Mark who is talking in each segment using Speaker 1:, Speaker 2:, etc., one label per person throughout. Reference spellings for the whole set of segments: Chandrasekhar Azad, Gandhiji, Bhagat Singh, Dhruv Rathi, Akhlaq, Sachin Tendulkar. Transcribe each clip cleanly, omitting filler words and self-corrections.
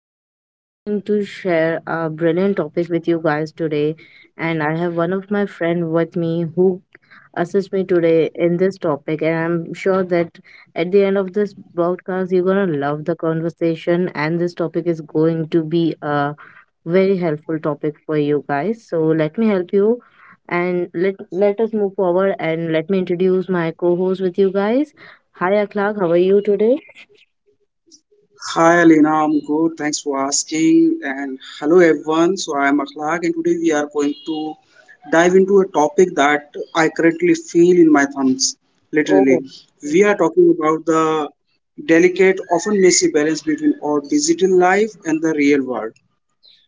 Speaker 1: I'm going to share a brilliant topic with you guys today, and I have one of my friend with me who assists me today in this topic, and I'm sure that at the end of this broadcast you're going to love the conversation and this topic is going to be a very helpful topic for you guys. So let me help you, and let us move forward and let me introduce my co-host with you guys. Hi, Akhlaq. How are you today?
Speaker 2: Hi Alina, I'm good. Thanks for asking. And hello everyone. So I'm Akhlaq, and today we are going to dive into a topic that I currently feel in my thumbs, literally.
Speaker 1: Oh,
Speaker 2: We are talking about the delicate, often messy balance between our digital life and the real world.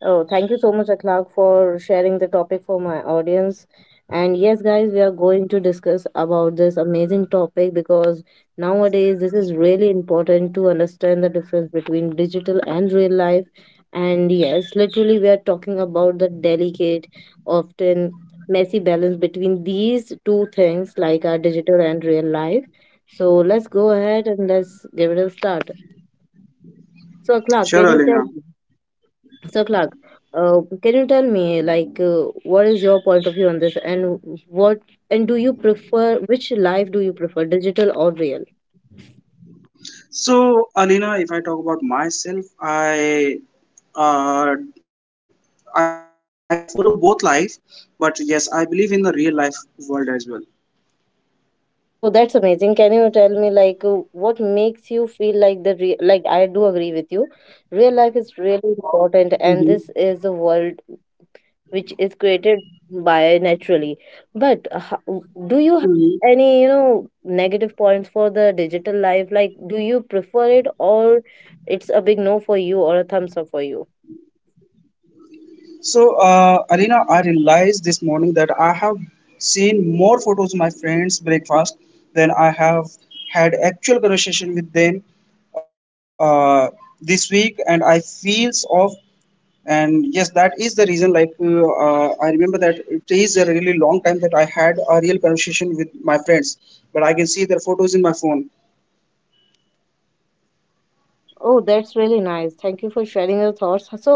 Speaker 1: oh, thank you so much, Akhlaq, for sharing the topic for my audience. And yes, guys, we are going to discuss about this amazing topic because nowadays this is really important to understand the difference between digital and real life. And yes, literally, we are talking about the delicate, often messy balance between these two things, like our digital and real life. So let's go ahead and let's give it a start. So, Akhlaq,
Speaker 2: Sure,
Speaker 1: can you tell
Speaker 2: Alina.
Speaker 1: me? So, Clark, can you tell me, like, what is your point of view on this, and what, and do you prefer, which life do you prefer, digital or real?
Speaker 2: So Alina, if I talk about myself, uh, I follow both life, but yes, I believe in the real life world as well.
Speaker 1: Oh, that's amazing. Can you tell me, like, what makes you feel like the real? Like, I do agree with you. Real life is really
Speaker 2: Mm-hmm.
Speaker 1: important, and this is the world which is created by naturally, but do you have any negative points for the digital life? Like, do you prefer it, or it's a big no for you or a thumbs up for you?
Speaker 2: So, Alina, I realized this morning that I have seen more photos of my friends' breakfast than I have had actual conversation with them uh, this week, and I feels off. And yes, that is the reason. Like I remember that it is a really long time that I had a real conversation with my friends, but I can see their photos in my phone.
Speaker 1: Oh, that's really nice. Thank you for sharing your thoughts. So,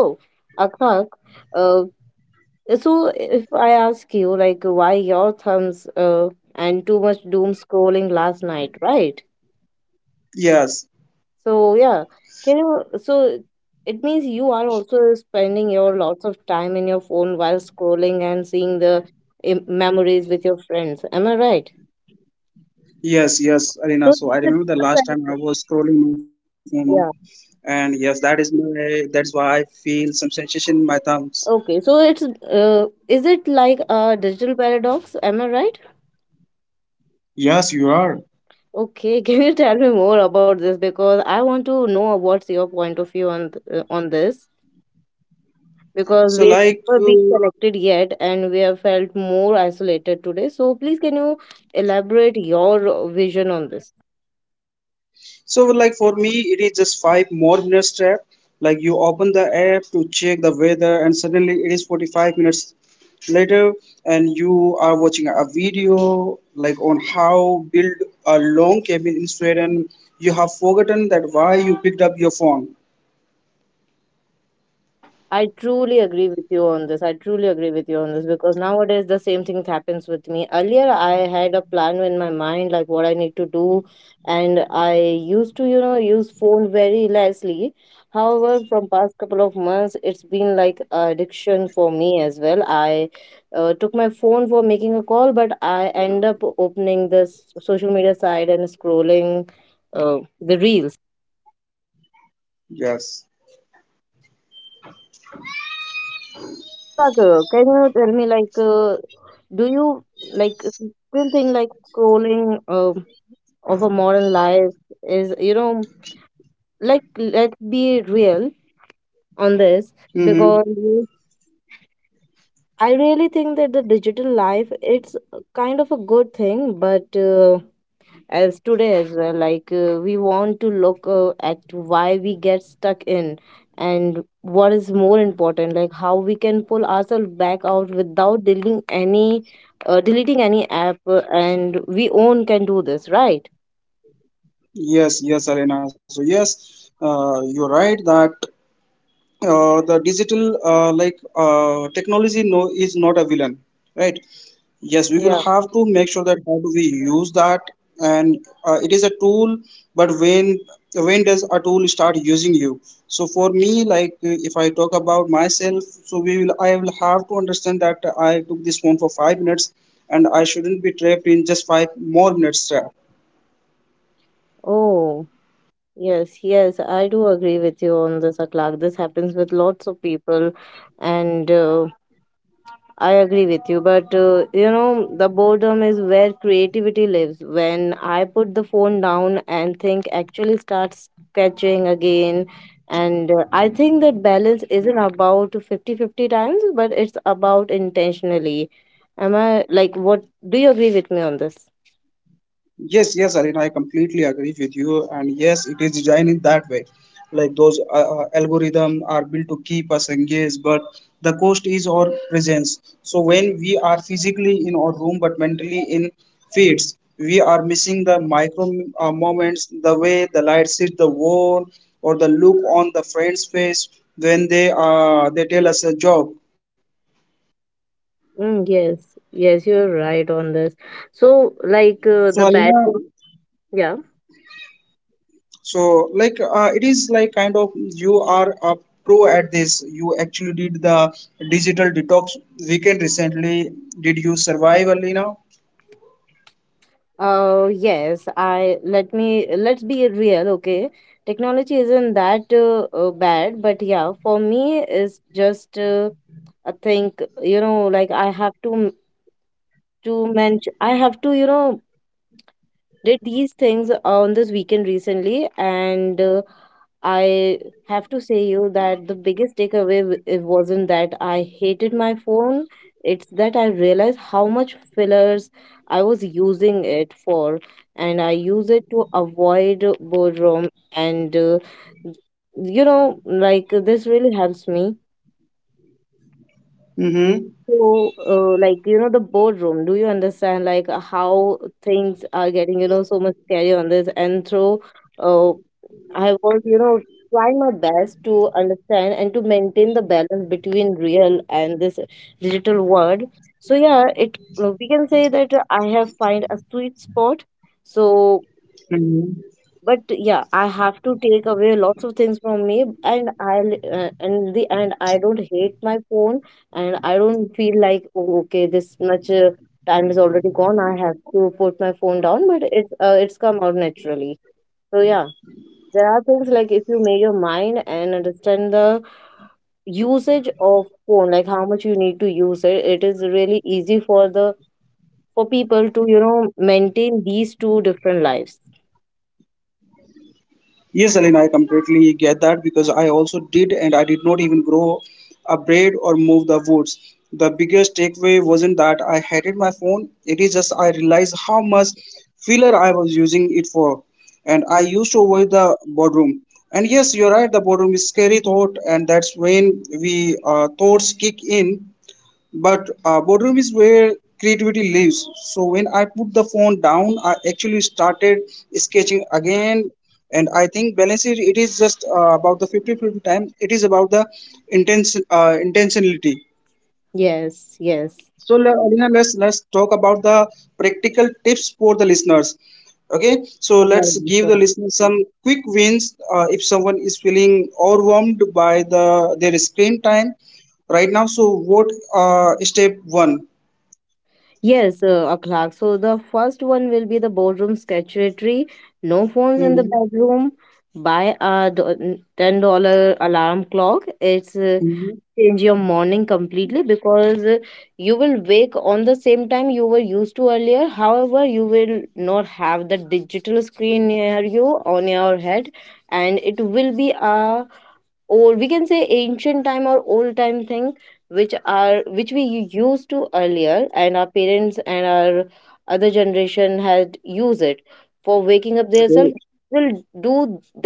Speaker 1: Akak, uh, so if I ask you, like, why your thumbs, and too much doom scrolling last night, right?
Speaker 2: Yes.
Speaker 1: So yeah, can you so it means you are also spending your lots of time in your phone while scrolling and seeing the memories with your friends. Am I right?
Speaker 2: Yes, Arena.
Speaker 1: So
Speaker 2: So I
Speaker 1: it's
Speaker 2: remember the
Speaker 1: a
Speaker 2: last time I
Speaker 1: paradox.
Speaker 2: was scrolling my phone,
Speaker 1: Yeah.
Speaker 2: and yes, that is my that's why I feel some sensation in my thumbs.
Speaker 1: Okay. So it's is it like a digital paradox? Am I right?
Speaker 2: Yes, you are.
Speaker 1: Okay. Can you tell me more about this, because I want to know what's your point of view on on this? Because
Speaker 2: So
Speaker 1: we have
Speaker 2: like,
Speaker 1: never
Speaker 2: uh,
Speaker 1: been connected yet and we have felt more isolated today. So, please, can you elaborate your vision on this?
Speaker 2: so like for me, it is just five more minutes trap. Like you open the app to check the weather, and suddenly it is 45 minutes later, and you are watching a video like on how build a long cabin in Sweden. You have forgotten that why you picked up your phone.
Speaker 1: I truly agree with you on this. I truly agree with you on this, because nowadays the same thing happens with me. Earlier, I had a plan in my mind, like what I need to do, and I used to use phone very lessly. However, from past couple of months, it's been like a addiction for me as well. I took my phone for making a call, but I end up opening this social media site and scrolling the reels.
Speaker 2: Yes.
Speaker 1: So, Sagar, can you tell me, like, do you like still think like scrolling of a modern life is like let's be real on this,
Speaker 2: Mm-hmm.
Speaker 1: because I really think that the digital life it's kind of a good thing, but as today as well like we want to look at why we get stuck in, and what is more important, like how we can pull ourselves back out without deleting any app and we own can do this, right?
Speaker 2: Yes, Elena. So yes, you're right that the digital technology no is not a villain, right? Yes, we will
Speaker 1: Yeah.
Speaker 2: have to make sure that how do we use that, and it is a tool. But when does a tool start using you? So for me, like if I talk about myself, so we will I will have to understand that I took this phone for 5 minutes, and I shouldn't be trapped in just five more minutes.
Speaker 1: Oh, yes, yes, I do agree with you on this, Aklak. This happens with lots of people, and I agree with you, but the boredom is where creativity lives. When I put the phone down and think, actually start sketching again. And I think that balance isn't about fifty-fifty times, but it's about intentionally. Am I like, what, do you agree with me on this?
Speaker 2: Yes, Arina, I completely agree with you. And yes, it is designed in that way. Like those algorithms are built to keep us engaged, but the cost is our presence. So when we are physically in our room but mentally in feeds, we are missing the micro moments, the way the light hits the wall, or the look on the friend's face when they tell us a joke.
Speaker 1: Mm, yes, yes, you're right on this. So, like
Speaker 2: So
Speaker 1: the
Speaker 2: Alina,
Speaker 1: bedroom, yeah.
Speaker 2: so, like, it is like kind of you are a pro at this. You actually did the digital detox weekend recently. Did you survive, Alina?
Speaker 1: Yes, I let me let's be real, okay? Technology isn't that bad, but yeah, for me, it's just I think, like I have to to mention, I have to, did these things on this weekend recently, and I have to say you that the biggest takeaway it wasn't that I hated my phone. It's that I realized how much fillers I was using it for, and I use it to avoid boredom. And like this really helps me.
Speaker 2: Mm-hmm.
Speaker 1: So, like, the boardroom, do you understand, like, how things are getting, so much scary on this? And through, uh, I was, trying my best to understand and to maintain the balance between real and this digital world. So, yeah, we can say that I have find a sweet spot. So, but yeah, I have to take away lots of things from me, and I don't hate my phone, and I don't feel like, oh, okay, this much time is already gone, I have to put my phone down, but it's come out naturally. So yeah, there are things, like if you make your mind and understand the usage of phone, like how much you need to use it, it is really easy for the for people to, maintain these two different lives.
Speaker 2: Yes, Aline, I completely get that because I also did, and I did not even grow a braid or move the woods. The biggest takeaway wasn't that I hated my phone, it is just I realized how much filler I was using it for. And I
Speaker 1: Mhm.
Speaker 2: used to avoid the boardroom. And yes, you're right, the boardroom is scary thought, and that's when we thoughts kick in, but boardroom is where creativity lives. So when I put the phone down, I actually started sketching again. And I think balance is it is just about the 50-50 time. It is about the intentionality.
Speaker 1: Yes, yes.
Speaker 2: So Alina, let's talk about the practical tips for the listeners. Okay, so
Speaker 1: Right.
Speaker 2: let's give
Speaker 1: So-
Speaker 2: the listeners some quick wins, if someone is feeling overwhelmed by their screen time right now. So what, step one?
Speaker 1: Yes, Akhlaq. So the first one will be the boardroom secretary. No phones in the
Speaker 2: Mm-hmm.
Speaker 1: bedroom. Buy a $10 alarm clock. It's
Speaker 2: Mm-hmm.
Speaker 1: Change your morning completely, because you will wake on the same time you were used to earlier. However, you will not have the digital screen near you on your head, and it will be a, or we can say, ancient time or old time thing, which we used to earlier, and our parents and our other generation had used it for waking up themselves.
Speaker 2: Great.
Speaker 1: Will do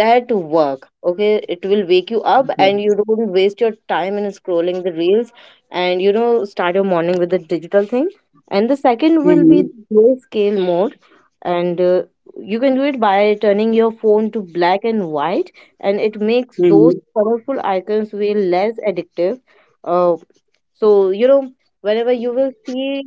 Speaker 1: that work? Okay, it will wake you up,
Speaker 2: Yeah.
Speaker 1: and you don't waste your time in scrolling the reels, and start your morning with the digital thing. And the second will be
Speaker 2: Mm-hmm.
Speaker 1: grayscale mode, and you can do it by turning your phone to black and white, and it makes those
Speaker 2: Mm-hmm.
Speaker 1: colorful icons feel less addictive. uh, so, whenever you will see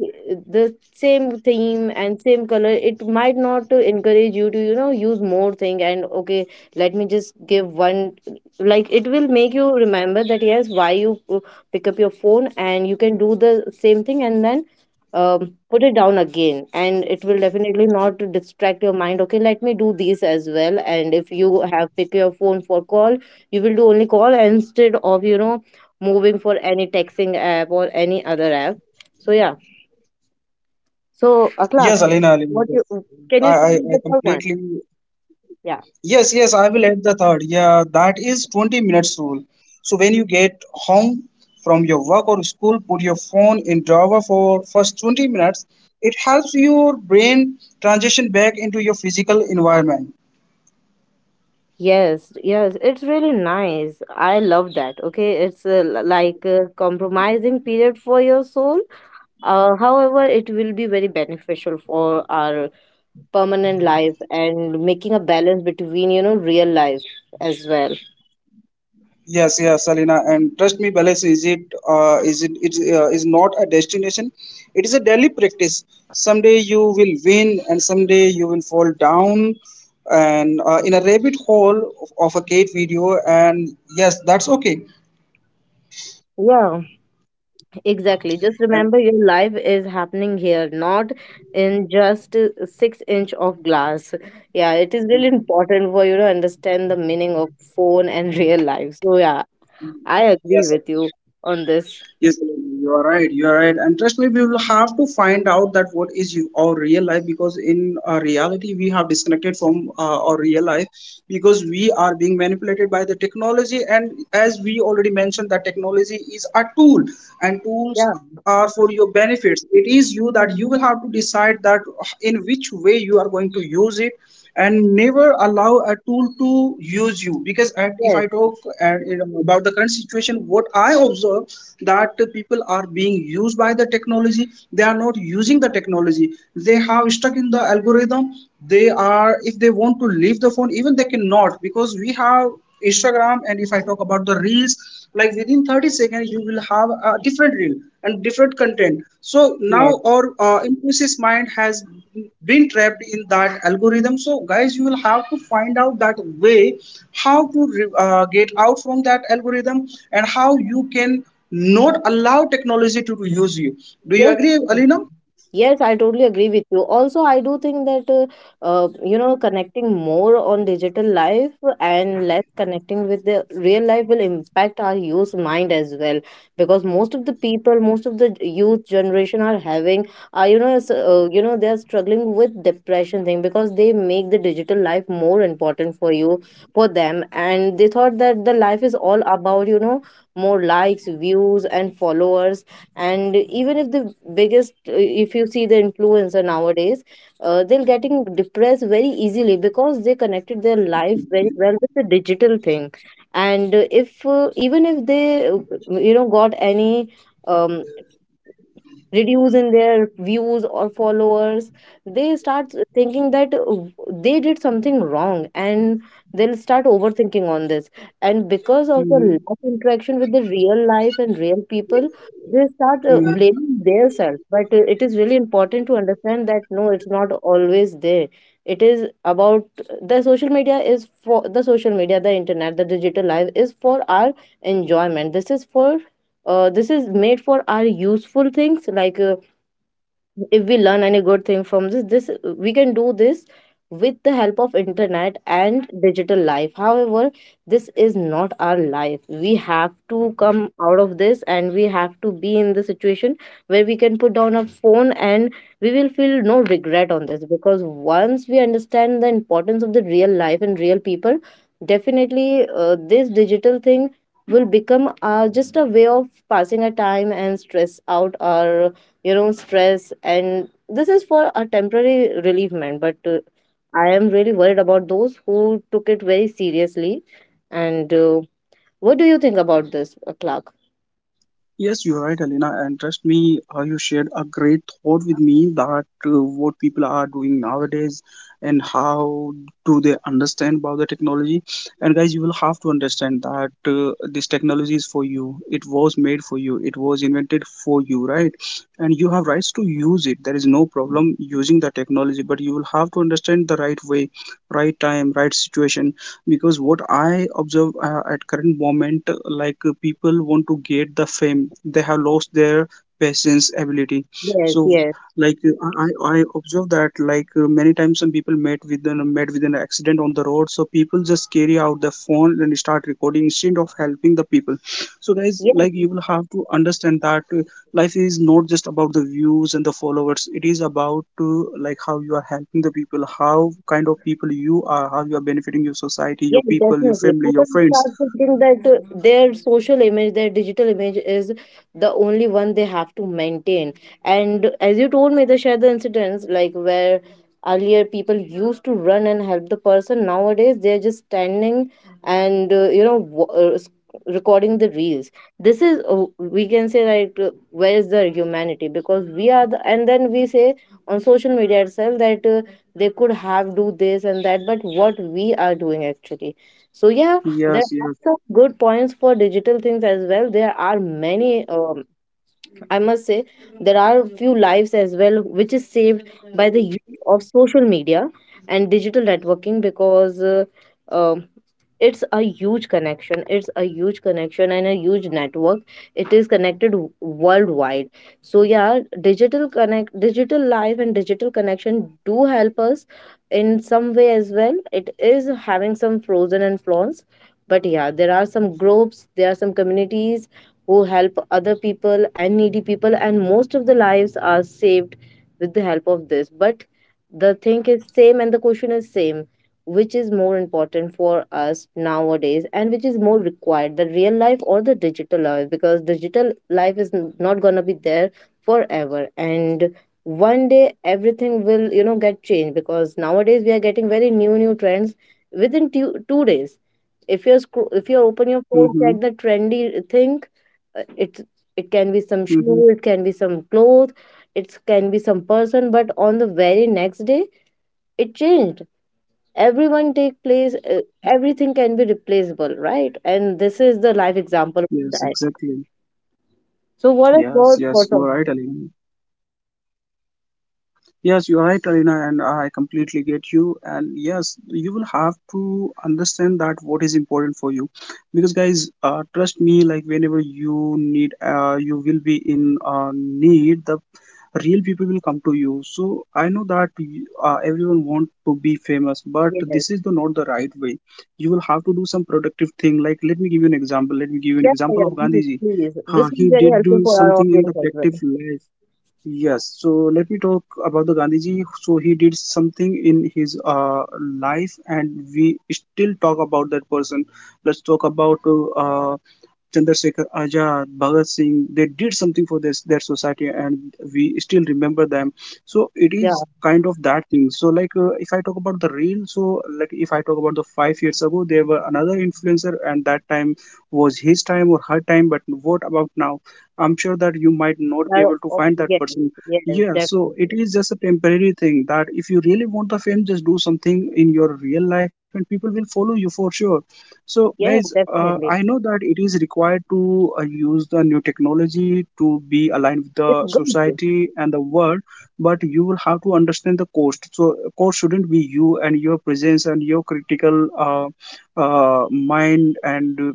Speaker 1: the same theme and same color, it might not encourage you to use more thing, and okay, let me just give one, like it will make you remember that, yes, why you pick up your phone, and you can do the same thing, and then put it down again, and it will definitely not distract your mind. Okay, let me do these as well, and if you have pick your phone for call, you will do only call instead of, moving for any texting app or any other app. So yeah. So Akhlaq,
Speaker 2: Yes, Alina.
Speaker 1: what
Speaker 2: Yes.
Speaker 1: you can
Speaker 2: I,
Speaker 1: you share
Speaker 2: I,
Speaker 1: me
Speaker 2: I
Speaker 1: the third one?
Speaker 2: completely.
Speaker 1: Yeah.
Speaker 2: Yes, yes, I will add the third. Yeah, that is 20 minutes rule. So when you get home from your work or school, put your phone in drawer for first 20 minutes. It helps your brain transition back into your physical environment.
Speaker 1: Yes, yes, it's really nice. I love that. Okay, it's like a compromising period for your soul. However, it will be very beneficial for our permanent life and making a balance between, real life as well.
Speaker 2: Yes, yes, Salina, and trust me, balance is not a destination. It is a daily practice. Someday you will win, and someday you will fall down, and in a rabbit hole of a gate video. And yes, that's okay.
Speaker 1: Yeah. Exactly. Just remember,
Speaker 2: And
Speaker 1: your life is happening here, not in just six inch of glass. Yeah, it is really important for you to understand the meaning of phone and real life. So yeah, I agree with
Speaker 2: yes,
Speaker 1: you on this.
Speaker 2: yes, you are right. You are right. And trust me, we will have to find out that what is you, our real life, because in our reality, we have disconnected from our real life because we are being manipulated by the technology. And as we already mentioned, that technology is a tool, and tools
Speaker 1: Yeah,
Speaker 2: are for your benefits. It is you that you will have to decide that in which way you are going to use it, and never allow a tool to use you. Because at, if
Speaker 1: yes,
Speaker 2: I talk at, about the current situation, what I observe that people are being used by the technology. They are not using the technology. They have stuck in the algorithm. They are, if they want to leave the phone, even they cannot, because we have Instagram. And if I talk about the reels, like within 30 seconds you will have a different reel and different content. So now
Speaker 1: yes,
Speaker 2: our impulsive mind has been trapped in that algorithm. So guys, you will have to find out that way how to get out from that algorithm, and how you can not allow technology to use you. Do you agree,
Speaker 1: yes.
Speaker 2: Alina?
Speaker 1: Yes, I totally agree with you. Also, I do think that connecting more on digital life and less connecting with the real life will impact our youth mind as well because most of the people, most of the youth generation are having are they are struggling with depression thing because they make the digital life more important for you for them, and they thought that the life is all about more likes, views, and followers. And even if the biggest if you see the influencer nowadays, they're getting depressed very easily because they connected their life very well with the digital thing. And if even if they got any um, reduce in their views or followers, they start thinking that they did something wrong, and they'll start overthinking on this. And because of the
Speaker 2: Hmm.
Speaker 1: lack of interaction with the real life and real people, they start blaming themselves. But it is really important to understand that no, it's not always there. It is about the social media is for the social media, the internet, the digital life is for our enjoyment. This is for this is made for our useful things, like if we learn any good thing from this this we can do this with the help of internet and digital life. However, this is not our life. We have to come out of this and we have to be in the situation where we can put down a phone and we will feel no regret on this, because once we understand the importance of the real life and real people, definitely this digital thing will become just a way of passing a time and stress out our, you know, stress, and this is for a temporary relievement. But I am really worried about those who took it very seriously. And what do you think about this, Clark?
Speaker 2: Yes, you're right, Alina. And trust me, you shared a great thought with me that what people are doing nowadays and how do they understand about the technology. And guys, you will have to understand that this technology is for you. It was made for you. It was invented for you, right? And you have rights to use it. There is no problem using the technology, but you will have to understand the right way, right time, right situation. Because what I observe, at current moment, people want to get the fame. They have lost their patience ability.
Speaker 1: Yes,
Speaker 2: So
Speaker 1: yes,
Speaker 2: like, I observe that like, many times some people met with an accident on the road, so people just carry out their phone and start recording instead of helping the people. So guys,
Speaker 1: yes.
Speaker 2: like, you will have to understand that, life is not just about the views and the followers. It is about to, like, how you are helping the people, how kind of people you are, how you are benefiting your
Speaker 1: Yeah,
Speaker 2: society, your people,
Speaker 1: definitely.
Speaker 2: your
Speaker 1: People
Speaker 2: family, your
Speaker 1: start
Speaker 2: friends.
Speaker 1: thinking that their social image, their digital image is the only one they have to maintain. And as you told me, the share the incidents like where earlier people used to run and help the person, nowadays they're just standing and recording the reels. This is, we can say like, where is the humanity, because we are the and then we say on social media itself that. They could have do this and that, but what we are doing actually? So yeah, there
Speaker 2: Yes,
Speaker 1: are
Speaker 2: yes.
Speaker 1: some good points for digital things as well. There are many, I must say, there are a few lives as well which is saved by the use of social media and digital networking, because um it's a huge connection. It's a huge connection and a huge network. It is connected worldwide. So yeah, digital connect, digital life and digital connection do help us in some way as well. It is having some frozen and flaws, but yeah, there are some groups, there are some communities who help other people and needy people, and most of the lives are saved with the help of this. But the thing is same and the question is same, which is more important for us nowadays and which is more required, the real life or the digital life? Because digital life is not going to be there forever, and one day everything will, you know, get changed, because nowadays we are getting very new new trends within two days. If you're if you
Speaker 2: Mm-hmm.
Speaker 1: open your phone, check the trendy thing, uh, It's it can
Speaker 2: Mm-hmm.
Speaker 1: be some shoe, it can be some clothes, it can be some person, but on the very next day it changed. Everyone take place. Everything can be replaceable, right? And this is the live
Speaker 2: Yes,
Speaker 1: example of
Speaker 2: exactly.
Speaker 1: that. So,
Speaker 2: yes
Speaker 1: what are
Speaker 2: yes you are
Speaker 1: your
Speaker 2: right,
Speaker 1: thoughts
Speaker 2: Alina.
Speaker 1: on this?
Speaker 2: Yes, you are right, Arina, and I completely get you. And yes, you will have to understand that what is important for you. Because guys, trust me, like whenever you need, you will be in need. The real people will come to you. So I know that everyone want to be famous, but this is the
Speaker 1: Yes.
Speaker 2: not the right way. You will have to do some productive thing. Like let me give you an example. Let me give you an
Speaker 1: Yeah,
Speaker 2: example of
Speaker 1: yeah,
Speaker 2: Gandhiji.
Speaker 1: please, please.
Speaker 2: He
Speaker 1: This is
Speaker 2: did do
Speaker 1: very helpful for
Speaker 2: something
Speaker 1: our
Speaker 2: in the
Speaker 1: audience as
Speaker 2: productive
Speaker 1: well.
Speaker 2: life. Yes, so let me talk about the Gandhiji. So he did something in his life, and we still talk about that person. Let's talk about uh, Chandrasekhar Azad, Bhagat Singh. They did something for this their society, and we still remember them. So it is
Speaker 1: Yeah,
Speaker 2: kind of that thing. So like, if I talk about the real, so like if I talk about the 5 years ago, there were another influencer, and that time was his time or her time. But what about now? I'm sure that you might not be able
Speaker 1: our,
Speaker 2: to
Speaker 1: au-
Speaker 2: find that
Speaker 1: yes,
Speaker 2: person.
Speaker 1: yes,
Speaker 2: Yeah, so it
Speaker 1: definitely.
Speaker 2: is just a temporary thing that if you really want the fame, just do something in your real life, and people will follow you for sure. So, guys,
Speaker 1: Yes,
Speaker 2: I know
Speaker 1: definitely.
Speaker 2: that it is required to use the new technology to be aligned with the
Speaker 1: It's good.
Speaker 2: society and the world, but you will have to understand the cost. So cost shouldn't be you and your presence and your critical mind and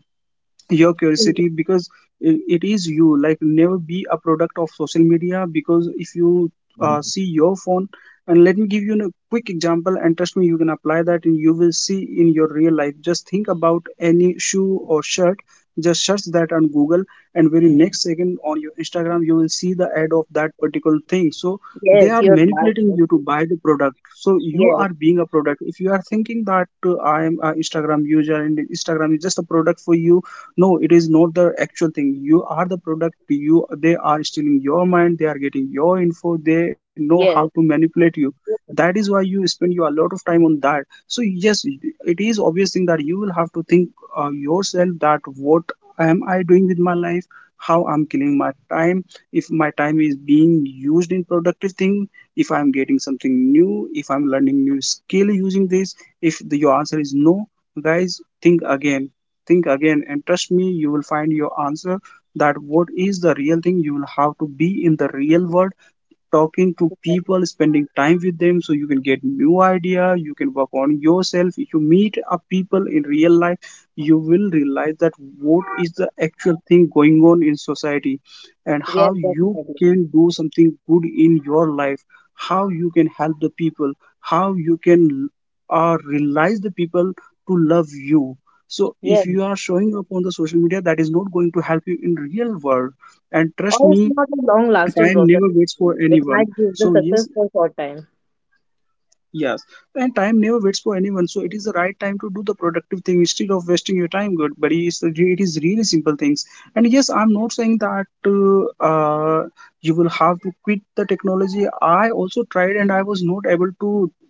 Speaker 2: your curiosity because it is, you like, never be a product of social media. Because if you see your phone, and let me give you a quick example, and trust me, you can apply that and you will see in your real life. Just think about any shoe or shirt, just search that on Google, and very next second on your Instagram you will see the ad of that particular thing. So they
Speaker 1: Yes,
Speaker 2: are
Speaker 1: you're
Speaker 2: manipulating
Speaker 1: right.
Speaker 2: you to buy the product, so you
Speaker 1: Yes,
Speaker 2: are being a product. If you are thinking that I am an Instagram user and Instagram is just a product for you, no, it is not the actual thing. You are the product. You, they are stealing your mind, they are getting your info, they know how to
Speaker 1: yes.
Speaker 2: manipulate you. That is why you spend you a lot of time on that. So yes, it is obvious thing that you will have to think yourself that, what am I doing with my life? How I'm killing my time? If my time is being used in productive thing, if I'm getting something new, if I'm learning new skill using this, if your answer is no, guys, think again. Think again, and trust me, you will find your answer. That what is the real thing? You will have to be in the real world, talking to people, spending time with them, so you can get new idea, you can work on yourself. If you meet up people in real life, you will realize that what is the actual thing going on in society, and
Speaker 1: Yes,
Speaker 2: how you
Speaker 1: definitely.
Speaker 2: can do something good in your life. How you can help the people, how you can realize the people to love you. So
Speaker 1: Yes.
Speaker 2: if you are showing up on the social media, that is not going to help you in real world. And
Speaker 1: Or
Speaker 2: trust
Speaker 1: it's
Speaker 2: me,
Speaker 1: not a long lasting
Speaker 2: time
Speaker 1: process.
Speaker 2: never waits for
Speaker 1: It might
Speaker 2: anyone.
Speaker 1: give the
Speaker 2: So
Speaker 1: success
Speaker 2: yes,
Speaker 1: for short time.
Speaker 2: yes, and time never waits for anyone. So it is the right time to do the productive thing instead of wasting your time. Good, but it is really simple things. And yes, I'm not saying that uh, uh, you will have to quit the technology. I also tried and I was not able to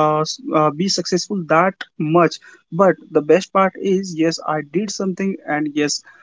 Speaker 2: be successful that much. But the best part is, yes, I did something. And yes,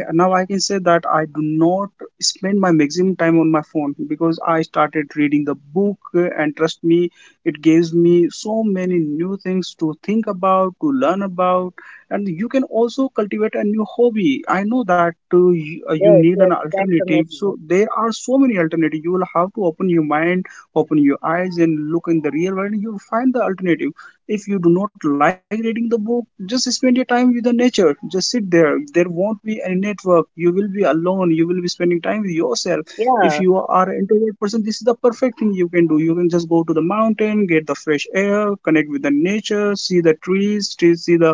Speaker 2: I now I can say that I do not spend my maximum time on my phone, because I started reading the book, and trust me, it gives me so many new things to think about, to learn about. And you can also cultivate a new hobby. I know that you
Speaker 1: Yes,
Speaker 2: need
Speaker 1: yes,
Speaker 2: an
Speaker 1: that's
Speaker 2: alternative.
Speaker 1: amazing.
Speaker 2: So there are so many alternatives. You will have to open your mind, open your eyes and look in the real world. You find the alternative. If you do not like reading the book, just spend your time with the nature. Just sit there, there won't be any network, you will be alone, you will be spending time with yourself. If
Speaker 1: Yeah.
Speaker 2: you are an introvert person, this is the perfect thing you can do. You can just go to the mountain, get the fresh air, connect with the nature, see the trees, see the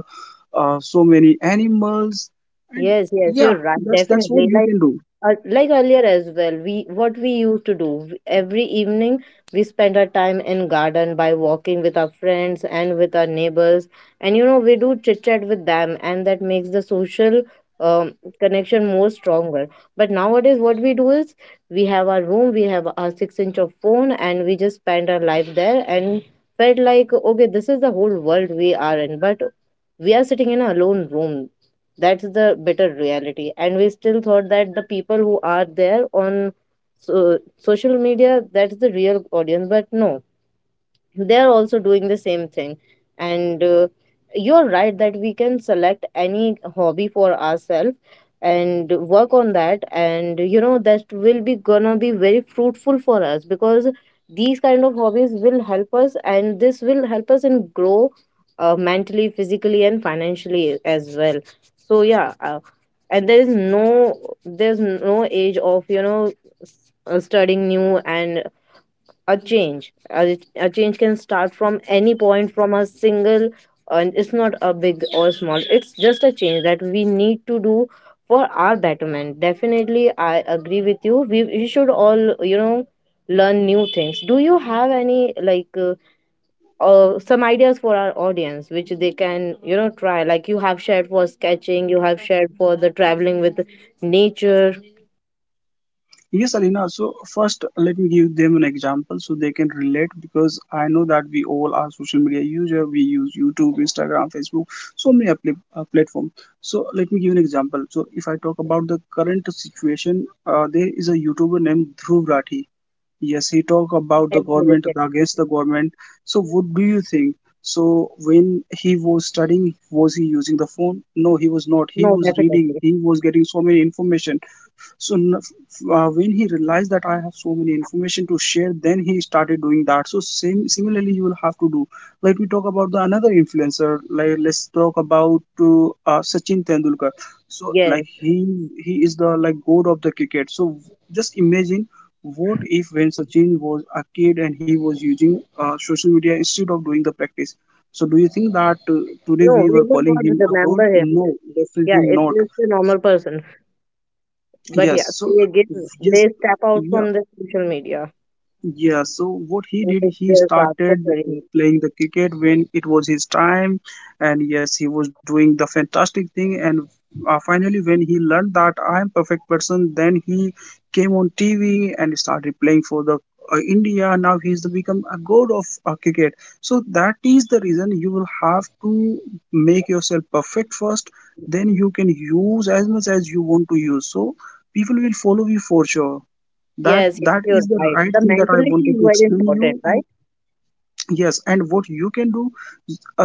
Speaker 2: so many animals, and
Speaker 1: Yes, yes,
Speaker 2: yeah,
Speaker 1: you're right.
Speaker 2: that's what
Speaker 1: Definitely.
Speaker 2: you can do.
Speaker 1: Like earlier as well we what we used to do every evening we spend our time in garden by walking with our friends and with our neighbors, and you know we do chit chat with them and that makes the social um, connection more stronger. But nowadays what we do is we have our room, we have our 6 inch of phone, and we just spend our life there and felt like okay this is the whole world we are in, but we are sitting in a alone room. That's the better reality. And we still thought that the people who are there on social media, that's the real audience. But no, they're also doing the same thing. And you're right that we can select any hobby for ourselves and work on that, and you know that will be gonna be very fruitful for us, because these kind of hobbies will help us and this will help us in grow mentally, physically and financially as well. So yeah, and there is no there's no age of, you know, s- studying new. And a change a change can start from any point from a single, and it's not a big or small, it's just a change that we need to do for our betterment. Definitely I agree with you, we should all, you know, learn new things. Do you have any like some ideas for our audience which they can, you know, try, like you have shared for sketching, you have shared for the traveling with nature?
Speaker 2: Yes, Alina. So first, let me give them an example so they can relate, because I know that we all are social media user. We use YouTube, Instagram, Facebook, so many platforms. So let me give an example. So if I talk about the current situation, there is a YouTuber named Dhruv Rathi. Yes, he talk
Speaker 1: Yes
Speaker 2: about the
Speaker 1: yes yes.
Speaker 2: government, against the government. So what do you think? So when he was studying, was he using the phone? No, he was not.
Speaker 1: No
Speaker 2: He was
Speaker 1: definitely.
Speaker 2: reading, he was getting so many information. So when he realized that I have so many information to share, then he started doing that. So same, similarly, you will have to do. Let we talk about the another influencer. Like, let's talk about Sachin Tendulkar. So
Speaker 1: Yes.
Speaker 2: like he is the like god of the cricket. So just imagine, what if when Sachin was a kid and he was using social media instead of doing the practice? So do you think that today
Speaker 1: No,
Speaker 2: we
Speaker 1: we would
Speaker 2: were
Speaker 1: not
Speaker 2: calling him a
Speaker 1: remember
Speaker 2: god?
Speaker 1: him.
Speaker 2: No,
Speaker 1: Yeah,
Speaker 2: definitely
Speaker 1: it is
Speaker 2: not.
Speaker 1: the normal person. But yeah,
Speaker 2: Yes, so
Speaker 1: they get they
Speaker 2: yes,
Speaker 1: step
Speaker 2: uh,
Speaker 1: out from the
Speaker 2: yeah.
Speaker 1: social media
Speaker 2: Yeah, so what
Speaker 1: and
Speaker 2: he
Speaker 1: make
Speaker 2: did,
Speaker 1: their
Speaker 2: he
Speaker 1: fast for
Speaker 2: started
Speaker 1: career.
Speaker 2: playing the cricket when it was his time, and yes, he was doing the fantastic thing. And finally, when he learned that I am perfect person, then he came on TV and started playing for the India. Now he's the become a god of cricket. So that is the reason you will have to make yourself perfect first. Then you can use as much as you want to use. So people will follow you for sure. That
Speaker 1: Yes, yes,
Speaker 2: that
Speaker 1: you're
Speaker 2: is the
Speaker 1: right. The
Speaker 2: right thing that I
Speaker 1: mentality is
Speaker 2: wanted to
Speaker 1: very
Speaker 2: explain
Speaker 1: important,
Speaker 2: you.
Speaker 1: right?
Speaker 2: And yes, and what you can do,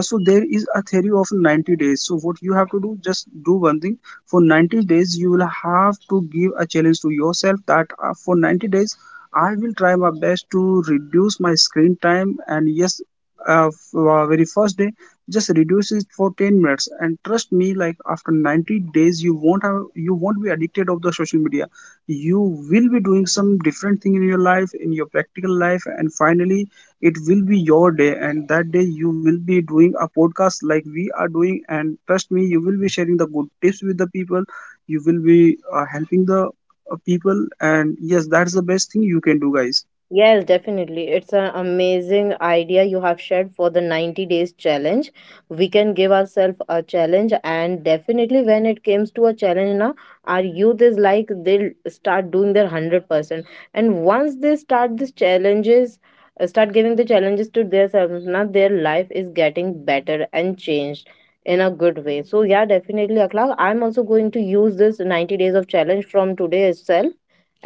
Speaker 2: so there is a theory of 90 days. So what you have to do, just do one thing. For 90 days, you will have to give a challenge to yourself, that for 90 days, I will try my best to reduce my screen time. And yes, very first day, just reduce it for 10 minutes. And trust me, like after 90 days, you won't have, you won't be addicted of the social media. You will be doing some different thing in your life, in your practical life, and finally it will be your day, and that day you will be doing a podcast like we are doing. And trust me, you will be sharing the good tips with the people. You will be helping the people, and yes, that's the best thing you can do, guys.
Speaker 1: Yes, definitely. It's an amazing idea you have shared for the 90 days challenge. We can give ourselves a challenge, and definitely, when it comes to a challenge, now our youth is like they'll start doing their 100%. And once they start these challenges, start giving the challenges to themselves, now their life is getting better and changed in a good way. So, yeah, definitely, Akhlaq. I'm also going to use this 90 days of challenge from today itself.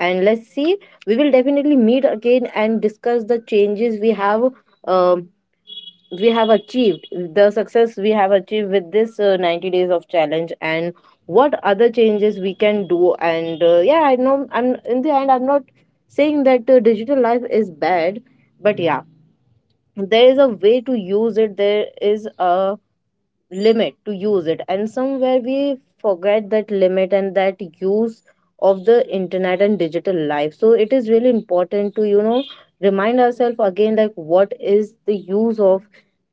Speaker 1: And let's see, we will definitely meet again and discuss the changes um we have achieved the success we have achieved with this 90 days of challenge, and what other changes we can do. And yeah, I know, I'm in the end, I'm not saying that digital life is bad, but yeah, there is a way to use it, there is a limit to use it, and somewhere we forget that limit and that use of the internet and digital life. So it is really important to, you know, remind ourselves again like what is the use of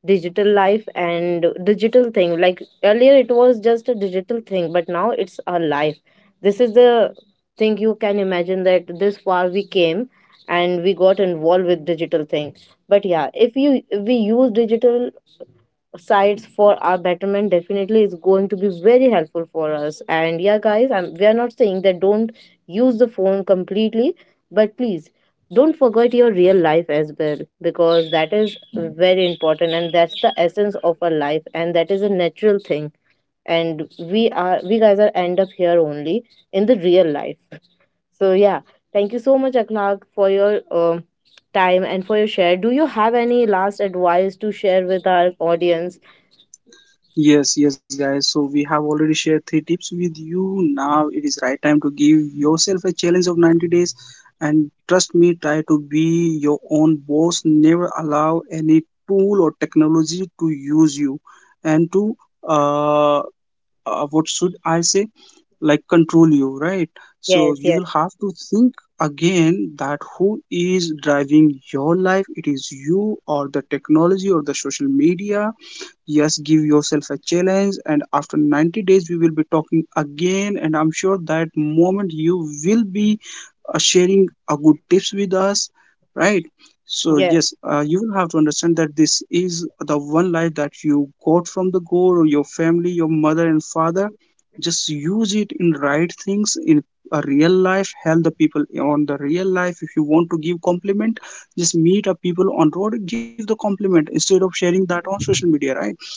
Speaker 1: digital life and digital thing. Like earlier it was just a digital thing, but now it's our life. This is the thing, you can imagine that this far we came and we got involved with digital thing. But yeah, if you we use digital sites for our betterment, definitely is going to be very helpful for us. And yeah guys, we are not saying that don't use the phone completely, but please don't forget your real life as well, because that is very important and that's the essence of our life and that is a natural thing, and we are we guys are end up here only in the real life. So yeah, thank you so much Akhlaq for your time and for your share. Do you have any last advice to share with our audience?
Speaker 2: Yes, yes, guys. So we have already shared 3 tips with you. Now it is right time to give yourself a challenge of 90 days. And trust me, try to be your own boss. Never allow any tool or technology to use you and to uh, what should I say, like control you, right? So
Speaker 1: Yes,
Speaker 2: you
Speaker 1: yes,
Speaker 2: will have to think again, that who is driving your life? It is you or the technology or the social media? Yes, give yourself a challenge, and after 90 days, we will be talking again, and I'm sure that moment you will be sharing a good tips with us, right? So
Speaker 1: yeah,
Speaker 2: yes, you will have to understand that this is the one life that you got from the god or your family, your mother and father. Just use it in right things, in a real life. Help the people on the real life. If you want to give compliment, just meet up people on road, give the compliment instead of sharing that on social media, right?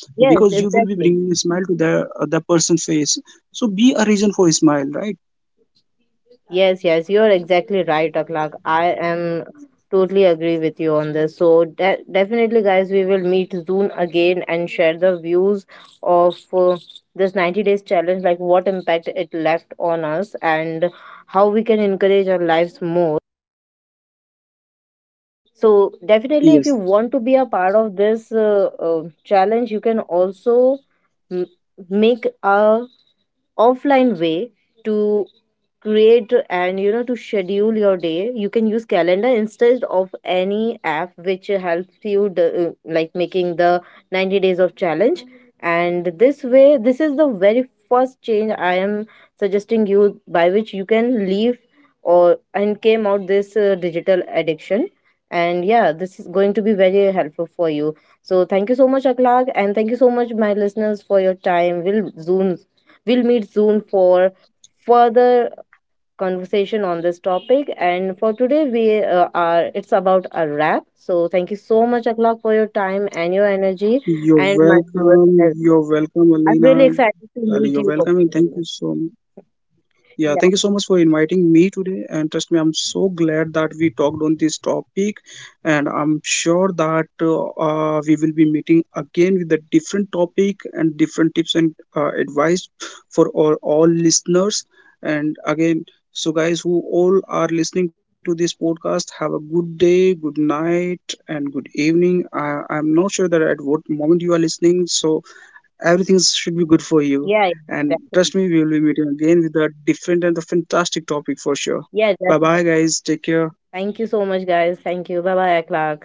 Speaker 2: Because
Speaker 1: yes,
Speaker 2: you will be
Speaker 1: exactly.
Speaker 2: bringing a smile to the person's face. So be a reason for a smile, right?
Speaker 1: Yes, yes, you're exactly right, Aklak. I am totally agree with you on this. So de definitely, guys, we will meet soon again and share the views of this 90 days challenge, like what impact it left on us and how we can encourage our lives more. So definitely,
Speaker 2: Yes.
Speaker 1: if you want to be a part of this challenge, you can also m- make a offline way to create and, you know, to schedule your day. You can use calendar instead of any app which helps you like making the 90 days of challenge. And this way, this is the very first change I am suggesting you by which you can leave or and came out this digital addiction. And yeah, this is going to be very helpful for you. So thank you so much Akhlaq, and thank you so much my listeners for your time. We'll meet soon for further conversation on this topic. And for today, we are it's about a wrap. So thank you so much, Akhlaq, for your time and your
Speaker 2: You're
Speaker 1: energy, and
Speaker 2: welcome.
Speaker 1: my
Speaker 2: You're
Speaker 1: viewers
Speaker 2: welcome,
Speaker 1: as well.
Speaker 2: Alina.
Speaker 1: I'm really
Speaker 2: You're
Speaker 1: excited
Speaker 2: welcome,
Speaker 1: to
Speaker 2: and thank
Speaker 1: meet
Speaker 2: you
Speaker 1: you.
Speaker 2: so much.
Speaker 1: Again.
Speaker 2: Yeah, thank you so much for
Speaker 1: Yeah,
Speaker 2: inviting me today. And trust me, I'm so glad that we talked on this topic. And I'm sure that we will be meeting again with a different topic and different tips and advice for all listeners. And again, so guys who all are listening to this podcast, have a good day, good night, and good evening. I'm not sure that at what moment you are listening. So everything should be good for you. And
Speaker 1: yeah, yeah,
Speaker 2: trust me, we will be meeting
Speaker 1: definitely.
Speaker 2: again with a different and a fantastic topic for sure. Bye bye,
Speaker 1: Yeah,
Speaker 2: guys. Take
Speaker 1: definitely.
Speaker 2: care.
Speaker 1: Thank you so much, guys. Thank you. Bye bye, Akhlaq.